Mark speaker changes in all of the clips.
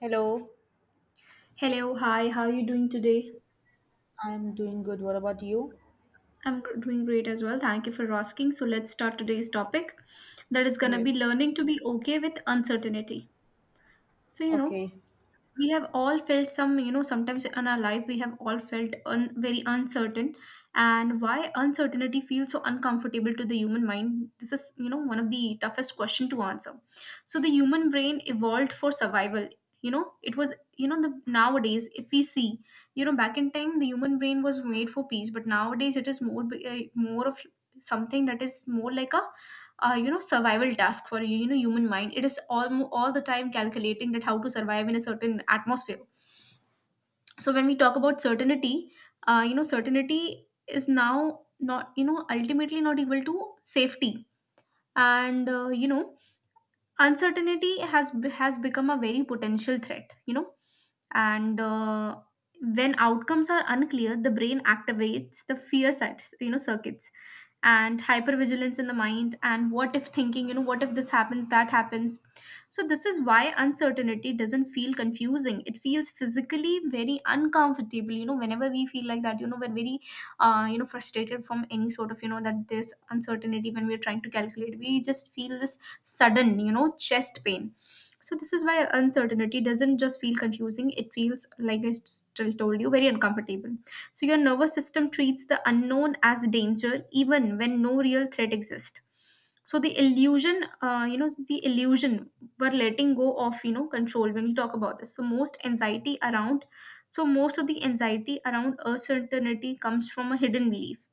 Speaker 1: Hello.
Speaker 2: Hello, hi, how are you doing today?
Speaker 1: I'm doing good. What about you?
Speaker 2: I'm doing great as well. Thank you for asking. So, let's start today's topic that is going to be
Speaker 1: Yes.
Speaker 2: learning to be okay with uncertainty. So,
Speaker 1: Okay.
Speaker 2: we have all felt sometimes in our life we have all felt very uncertain. And why uncertainty feels so uncomfortable to the human mind, this is, one of the toughest question to answer. So the human brain evolved for survival. You know it was you know the Nowadays if we see, back in time the human brain was made for peace, but nowadays it is more of something that is more like a survival task for human mind. It is all the time calculating that how to survive in a certain atmosphere. So when we talk about certainty, certainty is now not, ultimately not equal to safety. And uncertainty has become a very potential threat, you know. And when outcomes are unclear, the brain activates the fear sites, circuits, and hypervigilance in the mind, and what if thinking, what if this happens, that happens. So this is why uncertainty doesn't feel confusing, it feels physically very uncomfortable. Whenever we feel like that, we're very frustrated from any sort of, that there's uncertainty. When we're trying to calculate, we just feel this sudden, chest pain. So this is why uncertainty doesn't just feel confusing, it feels, like I still told you, very uncomfortable. So your nervous system treats the unknown as danger even when no real threat exists. So the illusion, the illusion we're letting go of, control when we talk about this. So so most of the anxiety around uncertainty comes from a hidden belief.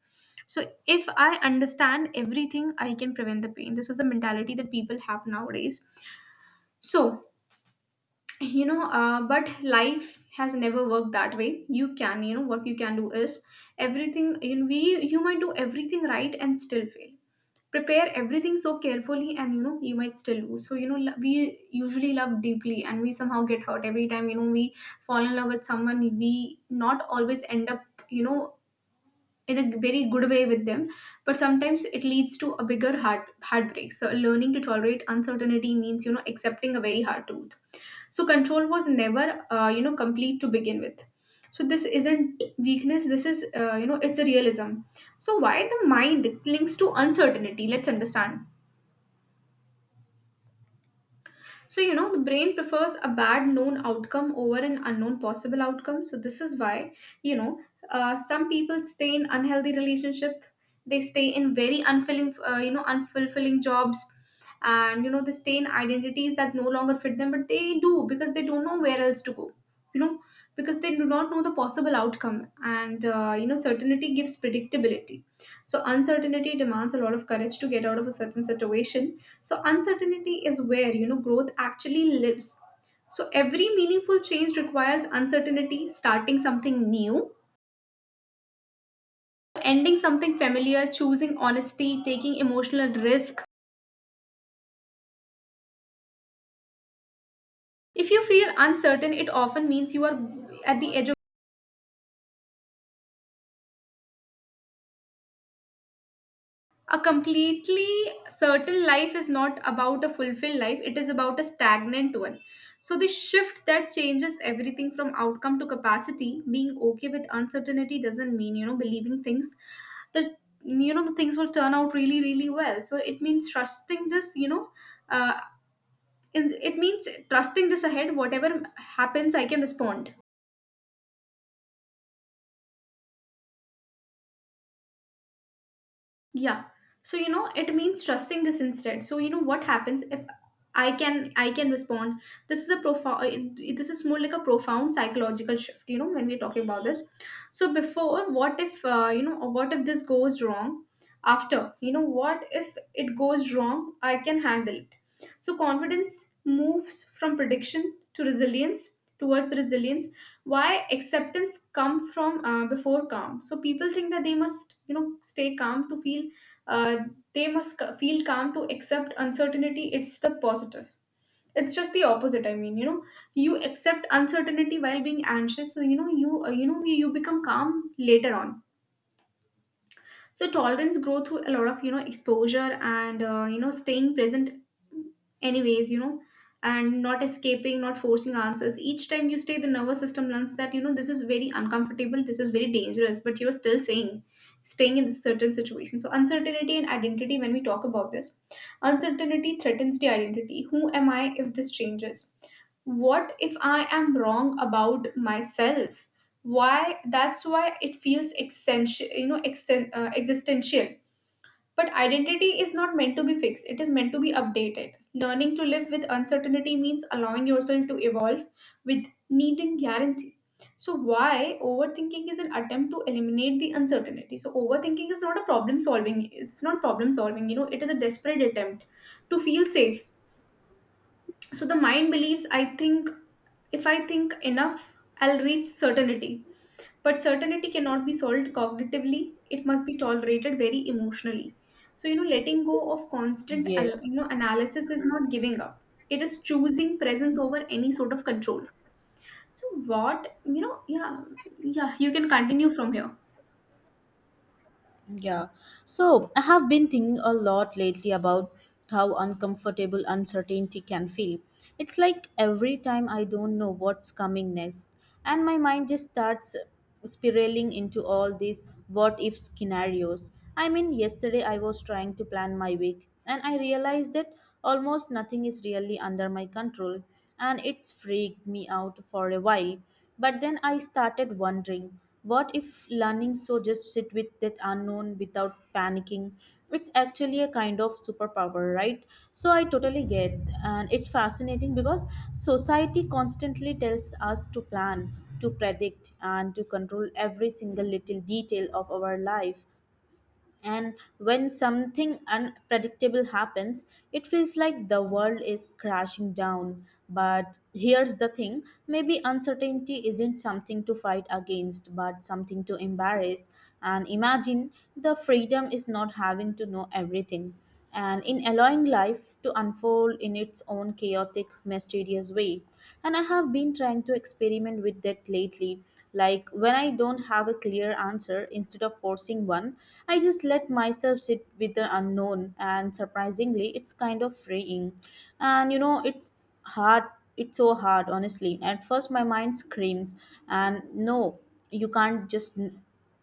Speaker 2: So if I understand everything, I can prevent the pain. This is the mentality that people have nowadays. So, but life has never worked that way. You can, you know, what you can do is everything. You know, we you might do everything right and still fail. Prepare everything so carefully, and you know you might still lose. So we usually love deeply, and we somehow get hurt every time. We fall in love with someone. We not always end up, you know, in a very good way with them, but sometimes it leads to a bigger heartbreak. So learning to tolerate uncertainty means, accepting a very hard truth. So control was never complete to begin with. So this isn't weakness, this is, it's a realism. So why the mind clings to uncertainty, let's understand. So, the brain prefers a bad known outcome over an unknown possible outcome. So, this is why, you know, some people stay in unhealthy relationship. They stay in very unfulfilling, unfulfilling jobs. And, they stay in identities that no longer fit them, but they do because they don't know where else to go, you know, because they do not know the possible outcome. And, certainty gives predictability. So, uncertainty demands a lot of courage to get out of a certain situation. So uncertainty is where, growth actually lives. So every meaningful change requires uncertainty, starting something new, ending something familiar, choosing honesty, taking emotional risk. If you feel uncertain, it often means you are at the edge of a completely certain life is not about a fulfilled life, it is about a stagnant one. So the shift that changes everything, from outcome to capacity, being okay with uncertainty doesn't mean, believing things the you know the things will turn out really really well. So it means trusting this, uh, it means trusting this ahead, whatever happens I can respond. Yeah. So, it means trusting this instead. So, you know, what happens if I can respond. This is a profound this is more like a profound psychological shift, when we're talking about this. So before, what if, or what if this goes wrong? After, what if it goes wrong? I can handle it. So confidence moves from prediction to resilience, towards resilience. Why acceptance come from before calm? So people think that they must, stay calm to feel uh, they must feel calm to accept uncertainty, it's the positive, it's just the opposite. I mean, you accept uncertainty while being anxious, so, you become calm later on. So tolerance grow through a lot of, exposure, and staying present anyways, you know, and not escaping, not forcing answers. Each time you stay, the nervous system learns that, this is very uncomfortable, this is very dangerous, but you're still saying staying in this certain situation. So uncertainty and identity, when we talk about this, uncertainty threatens the identity, who am I if this changes, what if I am wrong about myself, why that's why it feels essential, existential. But identity is not meant to be fixed, it is meant to be updated. Learning to live with uncertainty means allowing yourself to evolve with needing guarantee. So why overthinking is an attempt to eliminate the uncertainty? So overthinking is not a problem solving, it's not problem solving, it is a desperate attempt to feel safe. So the mind believes, I think, if I think enough, I'll reach certainty. But certainty cannot be solved cognitively, it must be tolerated very emotionally. So, letting go of constant
Speaker 1: Yeah.
Speaker 2: analysis is not giving up, it is choosing presence over any sort of control. So what you know yeah, yeah, you can continue from here.
Speaker 1: Yeah. So I have been thinking a lot lately about how uncomfortable uncertainty can feel. It's like every time I don't know what's coming next, and my mind just starts spiraling into all these what if scenarios. I mean, yesterday I was trying to plan my week, and I realized that almost nothing is really under my control, and it's freaked me out for a while. But then I started wondering. What if learning so just sit with that unknown without panicking? It's actually a kind of superpower, right? So I totally get, and it's fascinating because society constantly tells us to plan, to predict, and to control every single little detail of our life. And when something unpredictable happens, it feels like the world is crashing down. But here's the thing, maybe uncertainty isn't something to fight against, but something to embrace. And imagine the freedom is not having to know everything and in allowing life to unfold in its own chaotic, mysterious way. And I have been trying to experiment with that lately. Like when I don't have a clear answer, instead of forcing one, I just let myself sit with the unknown, and surprisingly, it's kind of freeing. And you know, it's hard, it's so hard, honestly. At first, my mind screams, and no, you can't just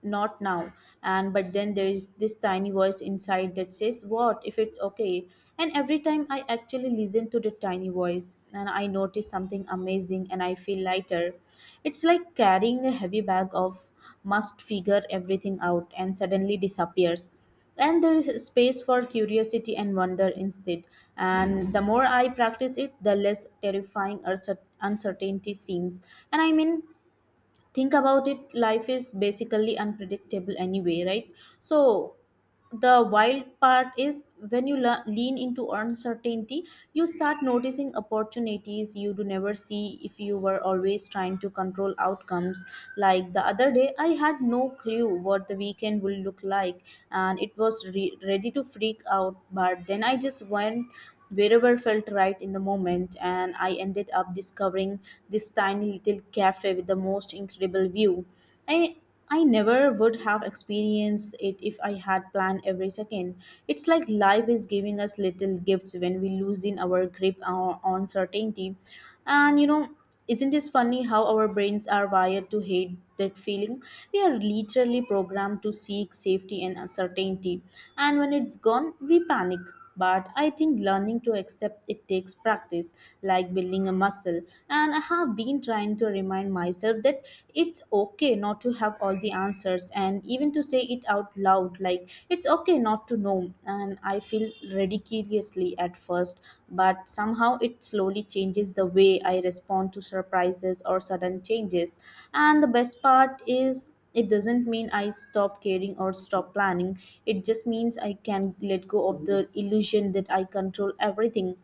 Speaker 1: not now, and but then there is this tiny voice inside that says what if it's okay. And every time I actually listen to the tiny voice, and I notice something amazing and I feel lighter. It's like carrying a heavy bag of must figure everything out and suddenly disappears. And there is space for curiosity and wonder instead. And the more I practice it, the less terrifying or uncertainty seems. And I mean, think about it, life is basically unpredictable anyway, right? So the wild part is when you lean into uncertainty, you start noticing opportunities you do never see if you were always trying to control outcomes. Like the other day I had no clue what the weekend would look like, and it was ready to freak out, but then I just went wherever felt right in the moment, and I ended up discovering this tiny little cafe with the most incredible view. I I never would have experienced it if I had planned every second. It's like life is giving us little gifts when we loosen our grip on certainty. And you know, isn't it funny how our brains are wired to hate that feeling? We are literally programmed to seek safety and uncertainty. And when it's gone, we panic. But I think learning to accept it takes practice, like building a muscle. And I have been trying to remind myself that it's okay not to have all the answers and even to say it out loud, like it's okay not to know. And I feel ridiculously at first, but somehow it slowly changes the way I respond to surprises or sudden changes. And the best part is it doesn't mean I stop caring or stop planning, it just means I can let go of the illusion that I control everything.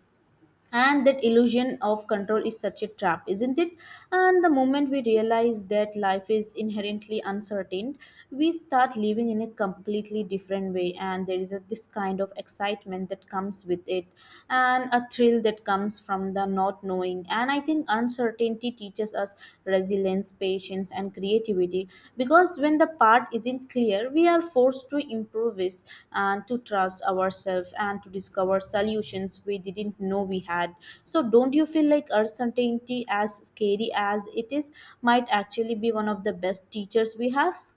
Speaker 1: And that illusion of control is such a trap, isn't it? And the moment we realize that life is inherently uncertain, we start living in a completely different way, and there is a this kind of excitement that comes with it, and a thrill that comes from the not knowing. And I think uncertainty teaches us resilience, patience, and creativity. Because when the path isn't clear, we are forced to improvise and to trust ourselves and to discover solutions we didn't know we had. So, don't you feel like uncertainty, as scary as it is, might actually be one of the best teachers we have?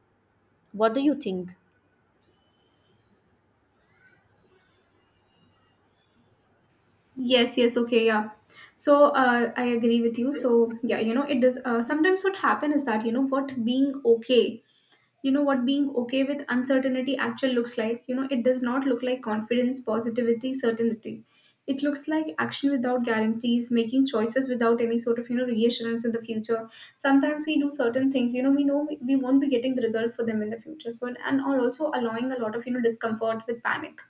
Speaker 1: What do you think?
Speaker 2: Yes, yes, okay, yeah. So I agree with you. So yeah, it does. Sometimes what happen is that, what being okay, what being okay with uncertainty actually looks like. You know, it does not look like confidence, positivity, certainty. It looks like action without guarantees, making choices without any sort of, reassurance in the future. Sometimes we do certain things, you know, we know we won't be getting the result for them in the future. So and also allowing a lot of, discomfort with panic,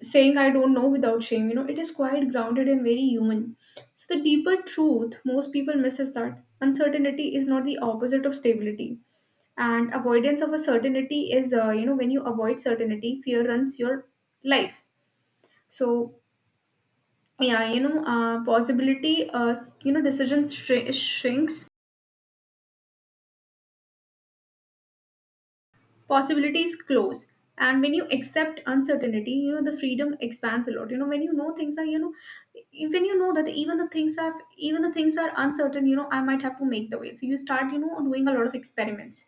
Speaker 2: saying I don't know without shame. You know, it is quite grounded and very human. So, the deeper truth most people miss is that uncertainty is not the opposite of stability. And avoidance of a certainty is, when you avoid certainty, fear runs your life. So, yeah, you know, possibility, you know, decisions shrinks, possibilities close. And when you accept uncertainty, the freedom expands a lot. When things are, when you know that even the things are uncertain, you know, I might have to make the way, so you start, doing a lot of experiments.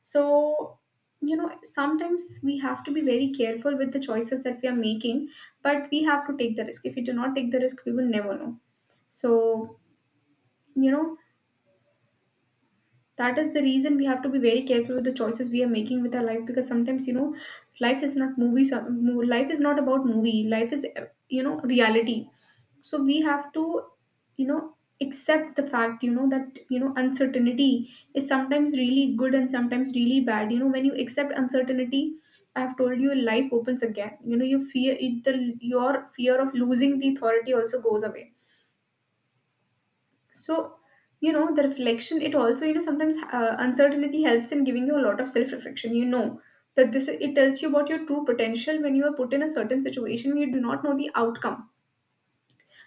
Speaker 2: So, sometimes we have to be very careful with the choices that we are making. But we have to take the risk, if we do not take the risk we will never know. So, you know that is the reason we have to be very careful with the choices we are making with our life, because sometimes, you know, life is not movie. Life is not about movie, life is, reality. So we have to, you know accept the fact, that, uncertainty is sometimes really good and sometimes really bad. You know, when you accept uncertainty, I've told you life opens again. You fear it, the your fear of losing the authority also goes away. So, the reflection, it also, sometimes uncertainty helps in giving you a lot of self reflection. You know, that this it tells you about your true potential when you are put in a certain situation where you do not know the outcome.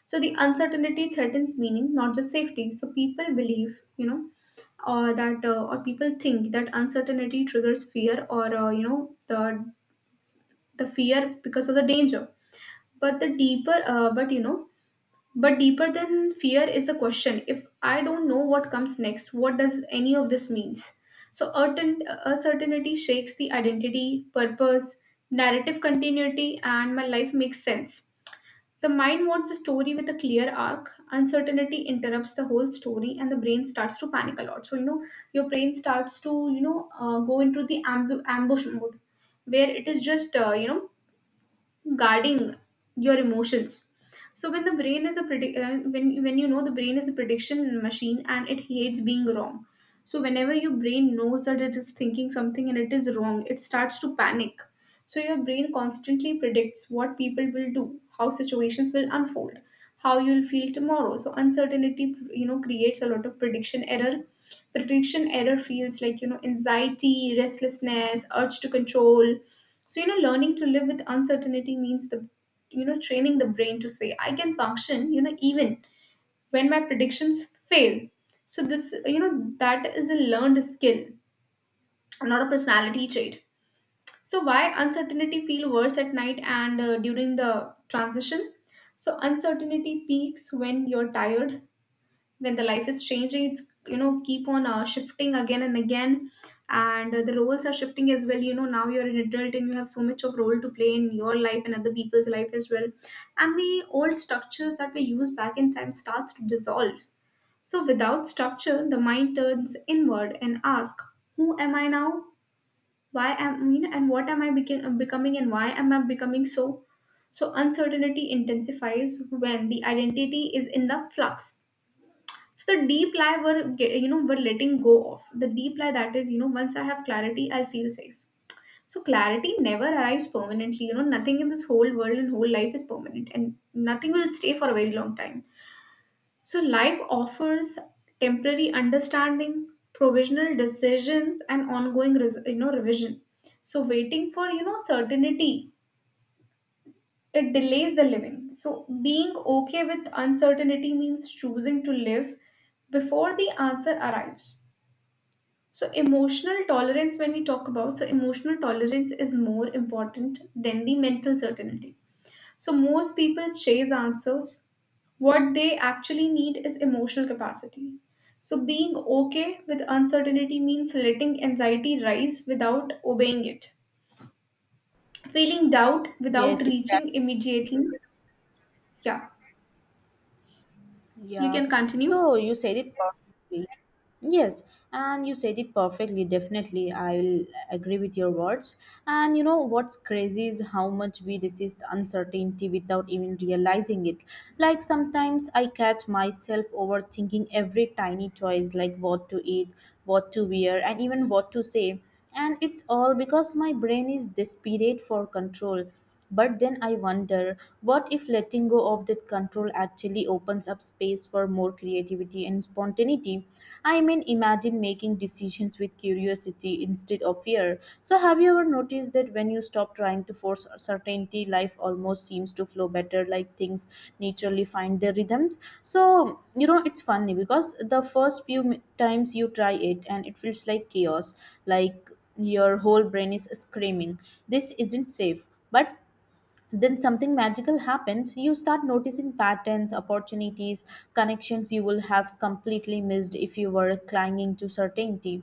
Speaker 2: So, the uncertainty threatens meaning, not just safety. So, people believe, or that, or people think that uncertainty triggers fear or, the fear because of the danger. But the deeper, but deeper than fear is the question, if I don't know what comes next, what does any of this means? Uncertainty shakes the identity, purpose, narrative continuity, and my life makes sense. The mind wants a story with a clear arc. Uncertainty interrupts the whole story, and the brain starts to panic a lot. So your brain starts to go into the ambush mode, where it is just guarding your emotions. So when the brain is a predict when the brain is a prediction machine and it hates being wrong. So whenever your brain knows that it is thinking something and it is wrong, it starts to panic. So your brain constantly predicts what people will do, how situations will unfold, how you'll feel tomorrow. So uncertainty, creates a lot of prediction error. Prediction error feels like, anxiety, restlessness, urge to control. So learning to live with uncertainty means training the brain to say, I can function, even when my predictions fail. That is a learned skill, not a personality trait. So why uncertainty feel worse at night and during the transition? So uncertainty peaks when you're tired, when the life is changing. It's you know keep on shifting again and again, and the roles are shifting as well. You know, now you're an adult and you have so much of role to play in your life and other people's life as well, and the old structures that were used back in time starts to dissolve. So without structure, the mind turns inward and asks, "Who am I now? Why am you know and what am I becoming and why am I becoming?" so so uncertainty intensifies when the identity is in the flux. So the deep lie we're ge- you know we're letting go of the deep lie, that is, you know, once I have clarity, I'll feel safe. So clarity never arrives permanently. You know, nothing in this whole world and whole life is permanent, and nothing will stay for a very long time. So, life offers temporary understanding, provisional decisions, and ongoing, revision. So, waiting for certainty, it delays the living. So, being okay with uncertainty means choosing to live before the answer arrives. So, emotional tolerance, when we talk about, so emotional tolerance is more important than the mental certainty. So most people chase answers. What they actually need is emotional capacity. So being okay with uncertainty means letting anxiety rise without obeying it. Feeling doubt without
Speaker 1: Yes.
Speaker 2: reaching immediately. Yeah, you
Speaker 1: Yeah,
Speaker 2: can continue.
Speaker 1: so you said it perfectly. Yes, and you said it perfectly. Definitely, I'll agree with your words. And you know what's crazy is how much we resist uncertainty without even realizing it. Like sometimes I catch myself overthinking every tiny choice, like what to eat, what to wear, and even what to say. And it's all because my brain is desperate for control. But then I wonder what if letting go of that control actually opens up space for more creativity and spontaneity? I mean, imagine making decisions with curiosity instead of fear. So, have you ever noticed that when you stop trying to force certainty, life almost seems to flow better, like things naturally find their rhythms? So, you know, it's funny because the first few times you try it and it feels like chaos, like your whole brain is screaming, this isn't safe. But then something magical happens, you start noticing patterns, opportunities, connections you will have completely missed if you were clinging to certainty.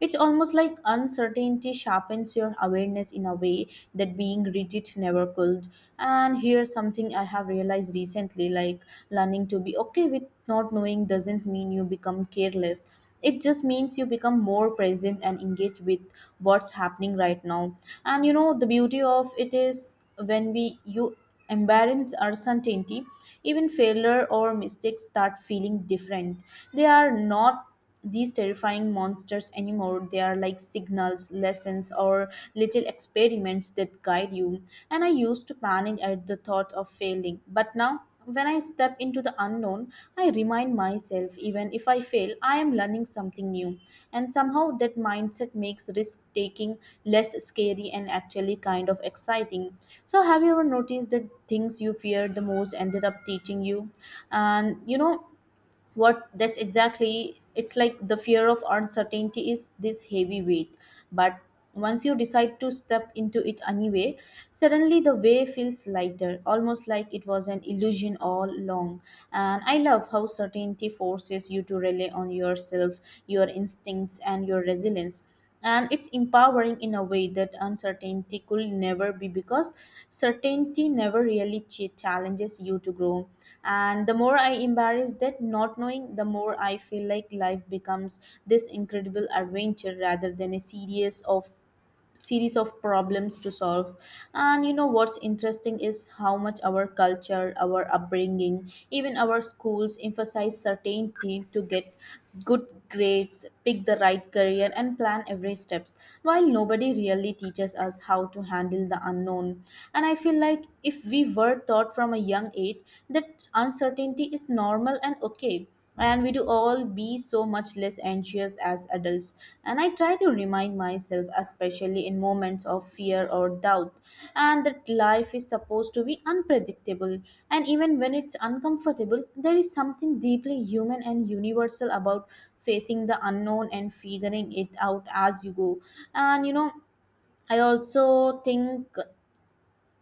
Speaker 1: It's almost like uncertainty sharpens your awareness in a way that being rigid never could. And here's something I have realized recently, like learning to be okay with not knowing doesn't mean you become careless, it just means you become more present and engaged with what's happening right now. And you know, the beauty of it is when we you embrace uncertainty, even failure or mistakes start feeling different. They are not these terrifying monsters anymore, they are like signals, lessons, or little experiments that guide you. And I used to panic at the thought of failing, but now when I step into the unknown, I remind myself even if I fail, I am learning something new. And somehow that mindset makes risk taking less scary and actually kind of exciting. So, have you ever noticed that things you feared the most ended up teaching you? And you know, what that's exactly, it's like the fear of uncertainty is this heavy weight, but once you decide to step into it anyway, suddenly the way feels lighter, almost like it was an illusion all along. And I love how certainty forces you to rely on yourself, your instincts, and your resilience. And it's empowering in a way that uncertainty could never be because certainty never really challenges you to grow. And the more I embrace that not knowing, the more I feel like life becomes this incredible adventure rather than a series of problems to solve. And you know what's interesting is how much our culture, our upbringing, even our schools emphasize certainty to get good grades, pick the right career, and plan every steps, while nobody really teaches us how to handle the unknown. And I feel like if we were taught from a young age that uncertainty is normal and okay, and we do all be so much less anxious as adults. And I try to remind myself, especially in moments of fear or doubt, and that life is supposed to be unpredictable, and even when it's uncomfortable, there is something deeply human and universal about facing the unknown and figuring it out as you go. And you know, I also think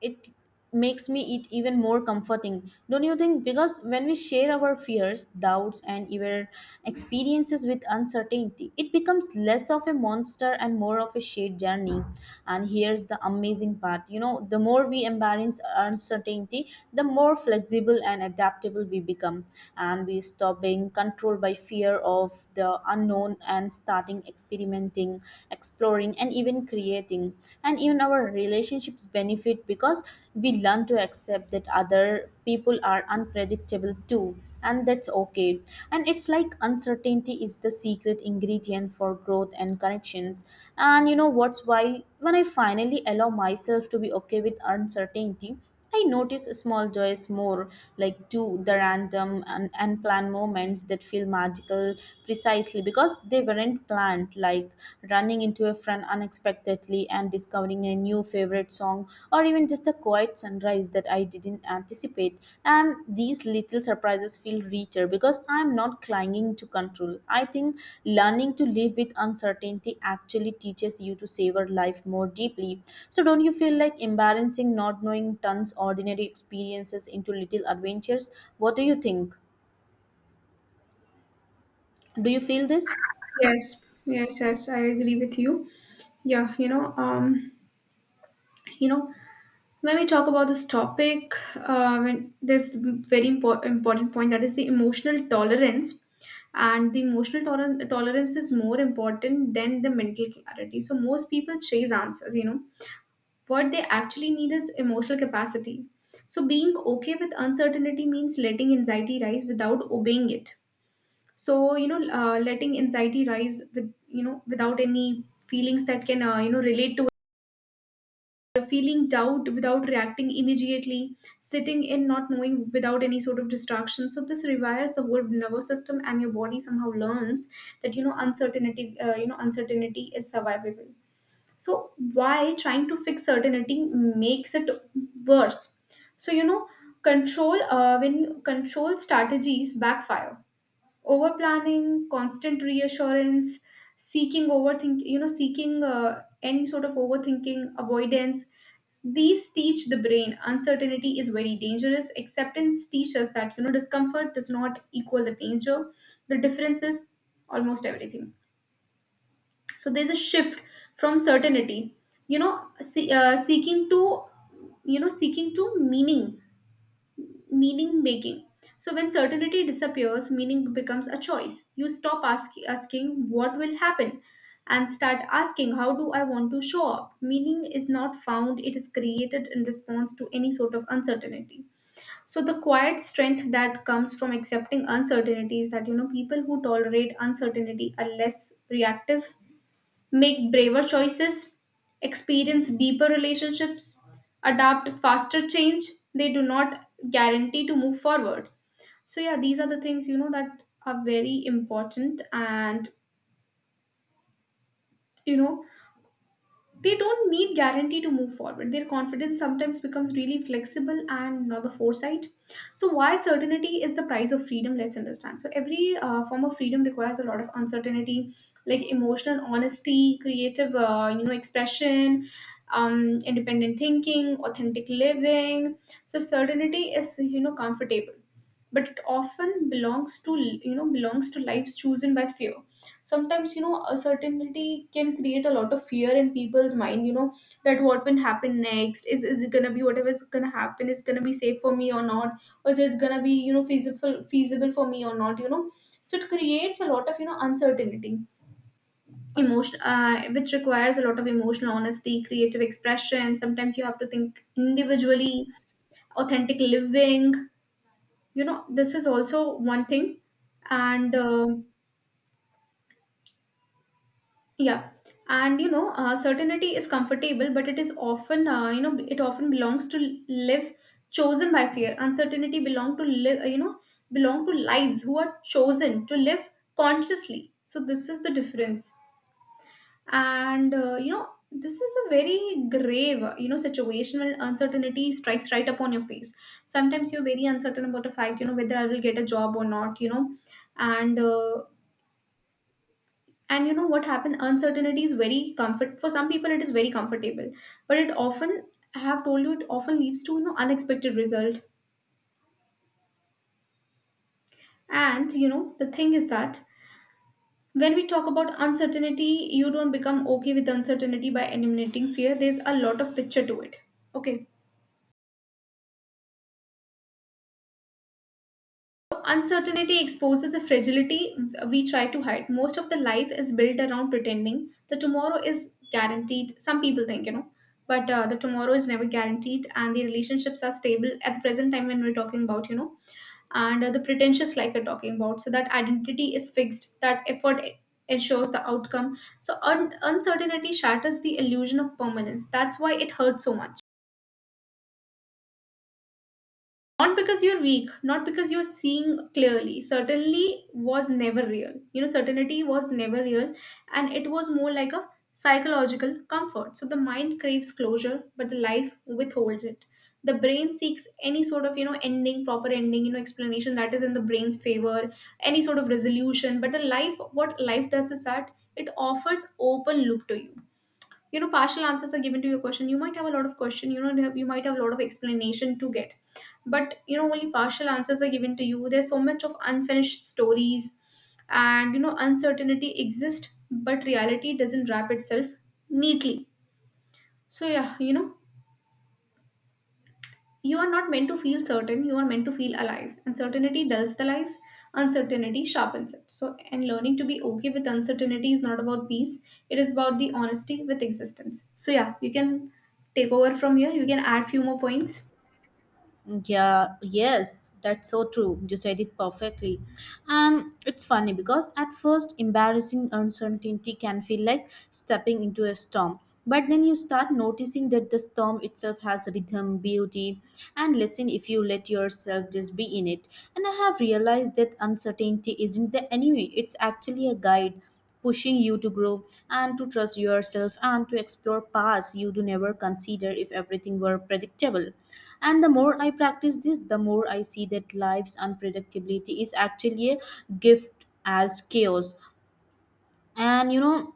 Speaker 1: it makes me it even more comforting, don't you think, because when we share our fears, doubts, and even experiences with uncertainty, it becomes less of a monster and more of a shared journey. And here's the amazing part, you know, the more we embrace uncertainty, the more flexible and adaptable we become. And we stop being controlled by fear of the unknown and starting experimenting, exploring, and even creating. And even our relationships benefit because we learn to accept that other people are unpredictable too, and that's okay. And it's like uncertainty is the secret ingredient for growth and connections. And you know what's why, when I finally allow myself to be okay with uncertainty, I notice small joys more, like to the random and unplanned moments that feel magical precisely because they weren't planned, like running into a friend unexpectedly and discovering a new favorite song, or even just a quiet sunrise that I didn't anticipate. And these little surprises feel richer because I'm not clinging to control. I think learning to live with uncertainty actually teaches you to savor life more deeply. So don't you feel like embarrassing not knowing turns ordinary experiences into little adventures? What do you think? Do you feel this?
Speaker 2: Yes, yes, yes, I agree with you. Yeah, you know, you know, when we talk about this topic, when there's very important point, that is the emotional tolerance, and the emotional tolerance is more important than the mental clarity. So most people chase answers. You know, what they actually need is emotional capacity. So being okay with uncertainty means letting anxiety rise without obeying it. So you know, letting anxiety rise with you know without any feelings that can relate to feeling doubt without reacting immediately, sitting in not knowing without any sort of distraction. So this rewires the whole nervous system, and your body somehow learns that you know uncertainty, uncertainty is survivable. So why trying to fix certainty makes it worse? So you know control when you control strategies backfire: over planning, constant reassurance, seeking overthink, you know, seeking any sort of overthinking, avoidance. These teach the brain uncertainty is very dangerous. Acceptance teaches that, you know, discomfort does not equal the danger. The difference is almost everything. So there's a shift from certainty, seeking to, you know, seeking to meaning meaning making. So when certainty disappears, meaning becomes a choice. You stop asking what will happen and start asking how do I want to show up. Meaning is not found, it is created in response to any sort of uncertainty. So the quiet strength that comes from accepting uncertainty is that, you know, people who tolerate uncertainty are less reactive, make braver choices, experience deeper relationships, adapt faster change. They do not guarantee to move forward. So yeah, these are the things, you know, that are very important, and you know, they don't need guarantee to move forward. Their confidence sometimes becomes really flexible, and not the foresight. So why certainty is the price of freedom, let's understand. So every form of freedom requires a lot of uncertainty, like emotional honesty, creative expression, independent thinking, authentic living. So certainty is, you know, comfortable, but it often belongs to lives chosen by fear. Sometimes, you know, uncertainty can create a lot of fear in people's mind, you know, that what will happen next. Is it gonna be, whatever is gonna happen, is gonna be safe for me or not, or is it gonna be, you know, feasible for me or not, you know? So it creates a lot of, you know, uncertainty emotion, which requires a lot of emotional honesty, creative expression. Sometimes you have to think individually, authentic living. You know, this is also one thing. And yeah and you know, certainty is comfortable, but it is often, it often belongs to live chosen by fear. Uncertainty belong to live, you know belong to lives who are chosen to live consciously. So this is the difference. And you know, this is a very grave situation where uncertainty strikes right upon your face. Sometimes you're very uncertain about the fact, you know, whether I will get a job or not, you know, and uh, and you know what happened, uncertainty is very comfort for some people, it is very comfortable, but it often, I have told you, it often leads to, you know, unexpected result. And you know, the thing is that when we talk about uncertainty, you don't become okay with uncertainty by eliminating fear. There's a lot of picture to it, okay. Uncertainty exposes the fragility we try to hide. Most of the life is built around pretending the tomorrow is guaranteed. Some people think, you know, but the tomorrow is never guaranteed, and the relationships are stable at the present time when we're talking about, you know, and the pretentious like we're talking about. So that identity is fixed. That effort ensures the outcome. So uncertainty shatters the illusion of permanence. That's why it hurts so much. Not because you're weak, not because you're seeing clearly. Certainly was never real. You know, certainty was never real, and it was more like a psychological comfort. So the mind craves closure, but the life withholds it. The brain seeks any sort of, you know, ending, proper ending, you know, explanation that is in the brain's favor, any sort of resolution. But the life, what life does is that it offers open loop to you. You know, partial answers are given to your question. You might have a lot of question, you know, you might have a lot of explanation to get, but you know, only partial answers are given to you. There's so much of unfinished stories. And you know, uncertainty exists, but reality doesn't wrap itself neatly. So yeah, you know, you are not meant to feel certain, you are meant to feel alive. Uncertainty dulls the life, uncertainty sharpens it. So and learning to be okay with uncertainty is not about peace, it is about the honesty with existence. So yeah, you can take over from here, you can add few more points.
Speaker 1: Yeah, yes, that's so true. You said it perfectly. And it's funny because at first, embarrassing uncertainty can feel like stepping into a storm. But then you start noticing that the storm itself has rhythm, beauty, and listen if you let yourself just be in it. And I have realized that uncertainty isn't the enemy, it's actually a guide pushing you to grow and to trust yourself and to explore paths you do never consider if everything were predictable. And the more I practice this, the more I see that life's unpredictability is actually a gift as chaos. And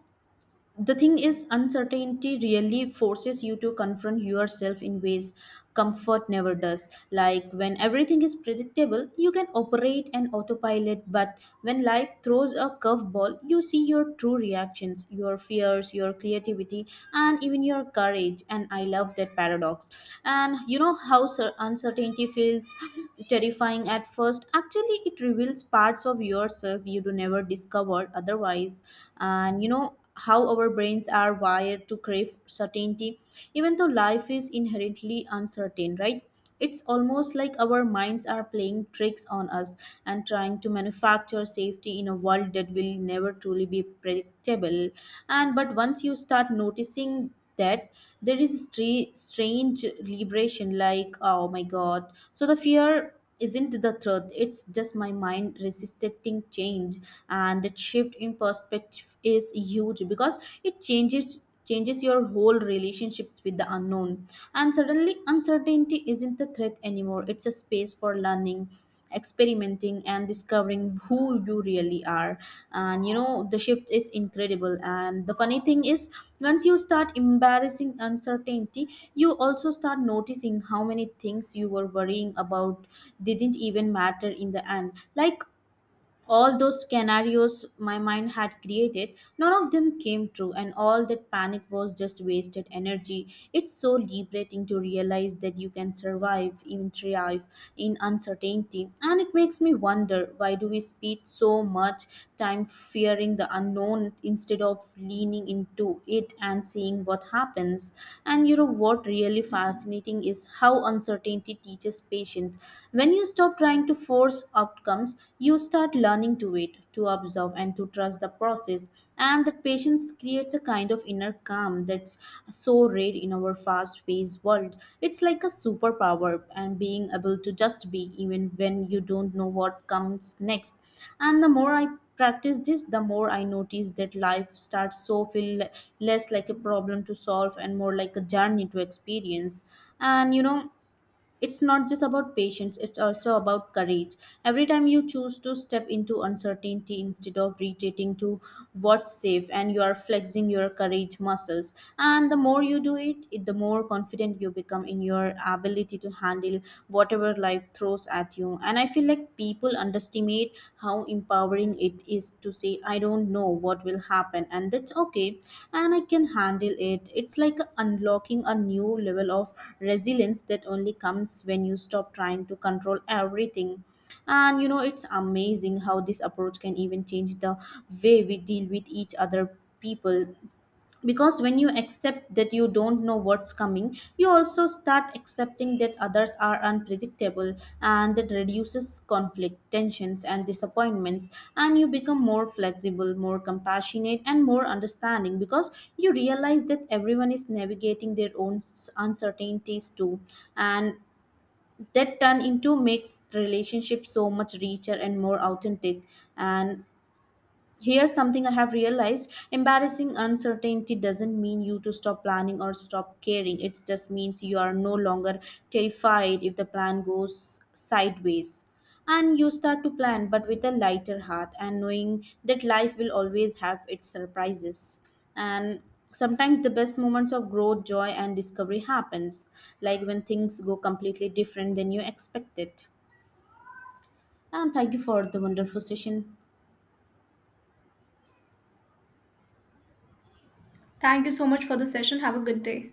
Speaker 1: the thing is, uncertainty really forces you to confront yourself in ways comfort never does. Like, when everything is predictable you can operate an autopilot, but when life throws a curveball you see your true reactions, your fears, your creativity, and even your courage. And I love that paradox. And uncertainty feels terrifying at first? Actually, it reveals parts of yourself you do never discovered otherwise. And you know how our brains are wired to crave certainty, even though life is inherently uncertain, right? It's almost like our minds are playing tricks on us and trying to manufacture safety in a world that will never truly be predictable. And but once you start noticing that, there is strange liberation, like, oh my god, so the fear isn't the truth, it's just my mind resisting change. And that shift in perspective is huge, because it changes, changes your whole relationship with the unknown. And suddenly uncertainty isn't the threat anymore, it's a space for learning, experimenting, and discovering who you really are. And you know, the shift is incredible. And the funny thing is, once you start embarrassing uncertainty, you also start noticing how many things you were worrying about didn't even matter in the end. Like, all those scenarios my mind had created, none of them came true, and all that panic was just wasted energy. It's so liberating to realize that you can survive, even thrive, in uncertainty. And it makes me wonder, why do we spend so much time fearing the unknown instead of leaning into it and seeing what happens? And you know what really fascinating is how uncertainty teaches patience. When you stop trying to force outcomes, you start learning to wait, to observe, and to trust the process. And that patience creates a kind of inner calm that's so rare in our fast paced world. It's like a superpower, and being able to just be, even when you don't know what comes next. And the more I practice this, the more I notice that life starts so feel less like a problem to solve and more like a journey to experience. And you know, it's not just about patience, it's also about courage. Every time you choose to step into uncertainty instead of retreating to what's safe, and you are flexing your courage muscles. And the more you do it, the more confident you become in your ability to handle whatever life throws at you. And I feel like people underestimate how empowering it is to say, I don't know what will happen, and that's okay, and I can handle it. It's like unlocking a new level of resilience that only comes when you stop trying to control everything. And you know, it's amazing how this approach can even change the way we deal with each other, people, because when you accept that you don't know what's coming, you also start accepting that others are unpredictable. And that reduces conflict, tensions, and disappointments. And you become more flexible, more compassionate, and more understanding, because you realize that everyone is navigating their own uncertainties too. And that turn into makes relationships so much richer and more authentic. And here's something I have realized, embarrassing uncertainty doesn't mean you to stop planning or stop caring. It just means you are no longer terrified if the plan goes sideways. And you start to plan, but with a lighter heart, and knowing that life will always have its surprises. And sometimes the best moments of growth, joy, and discovery happens, like when things go completely different than you expected. And thank you for the wonderful session.
Speaker 2: Thank you so much for the session, have a good day.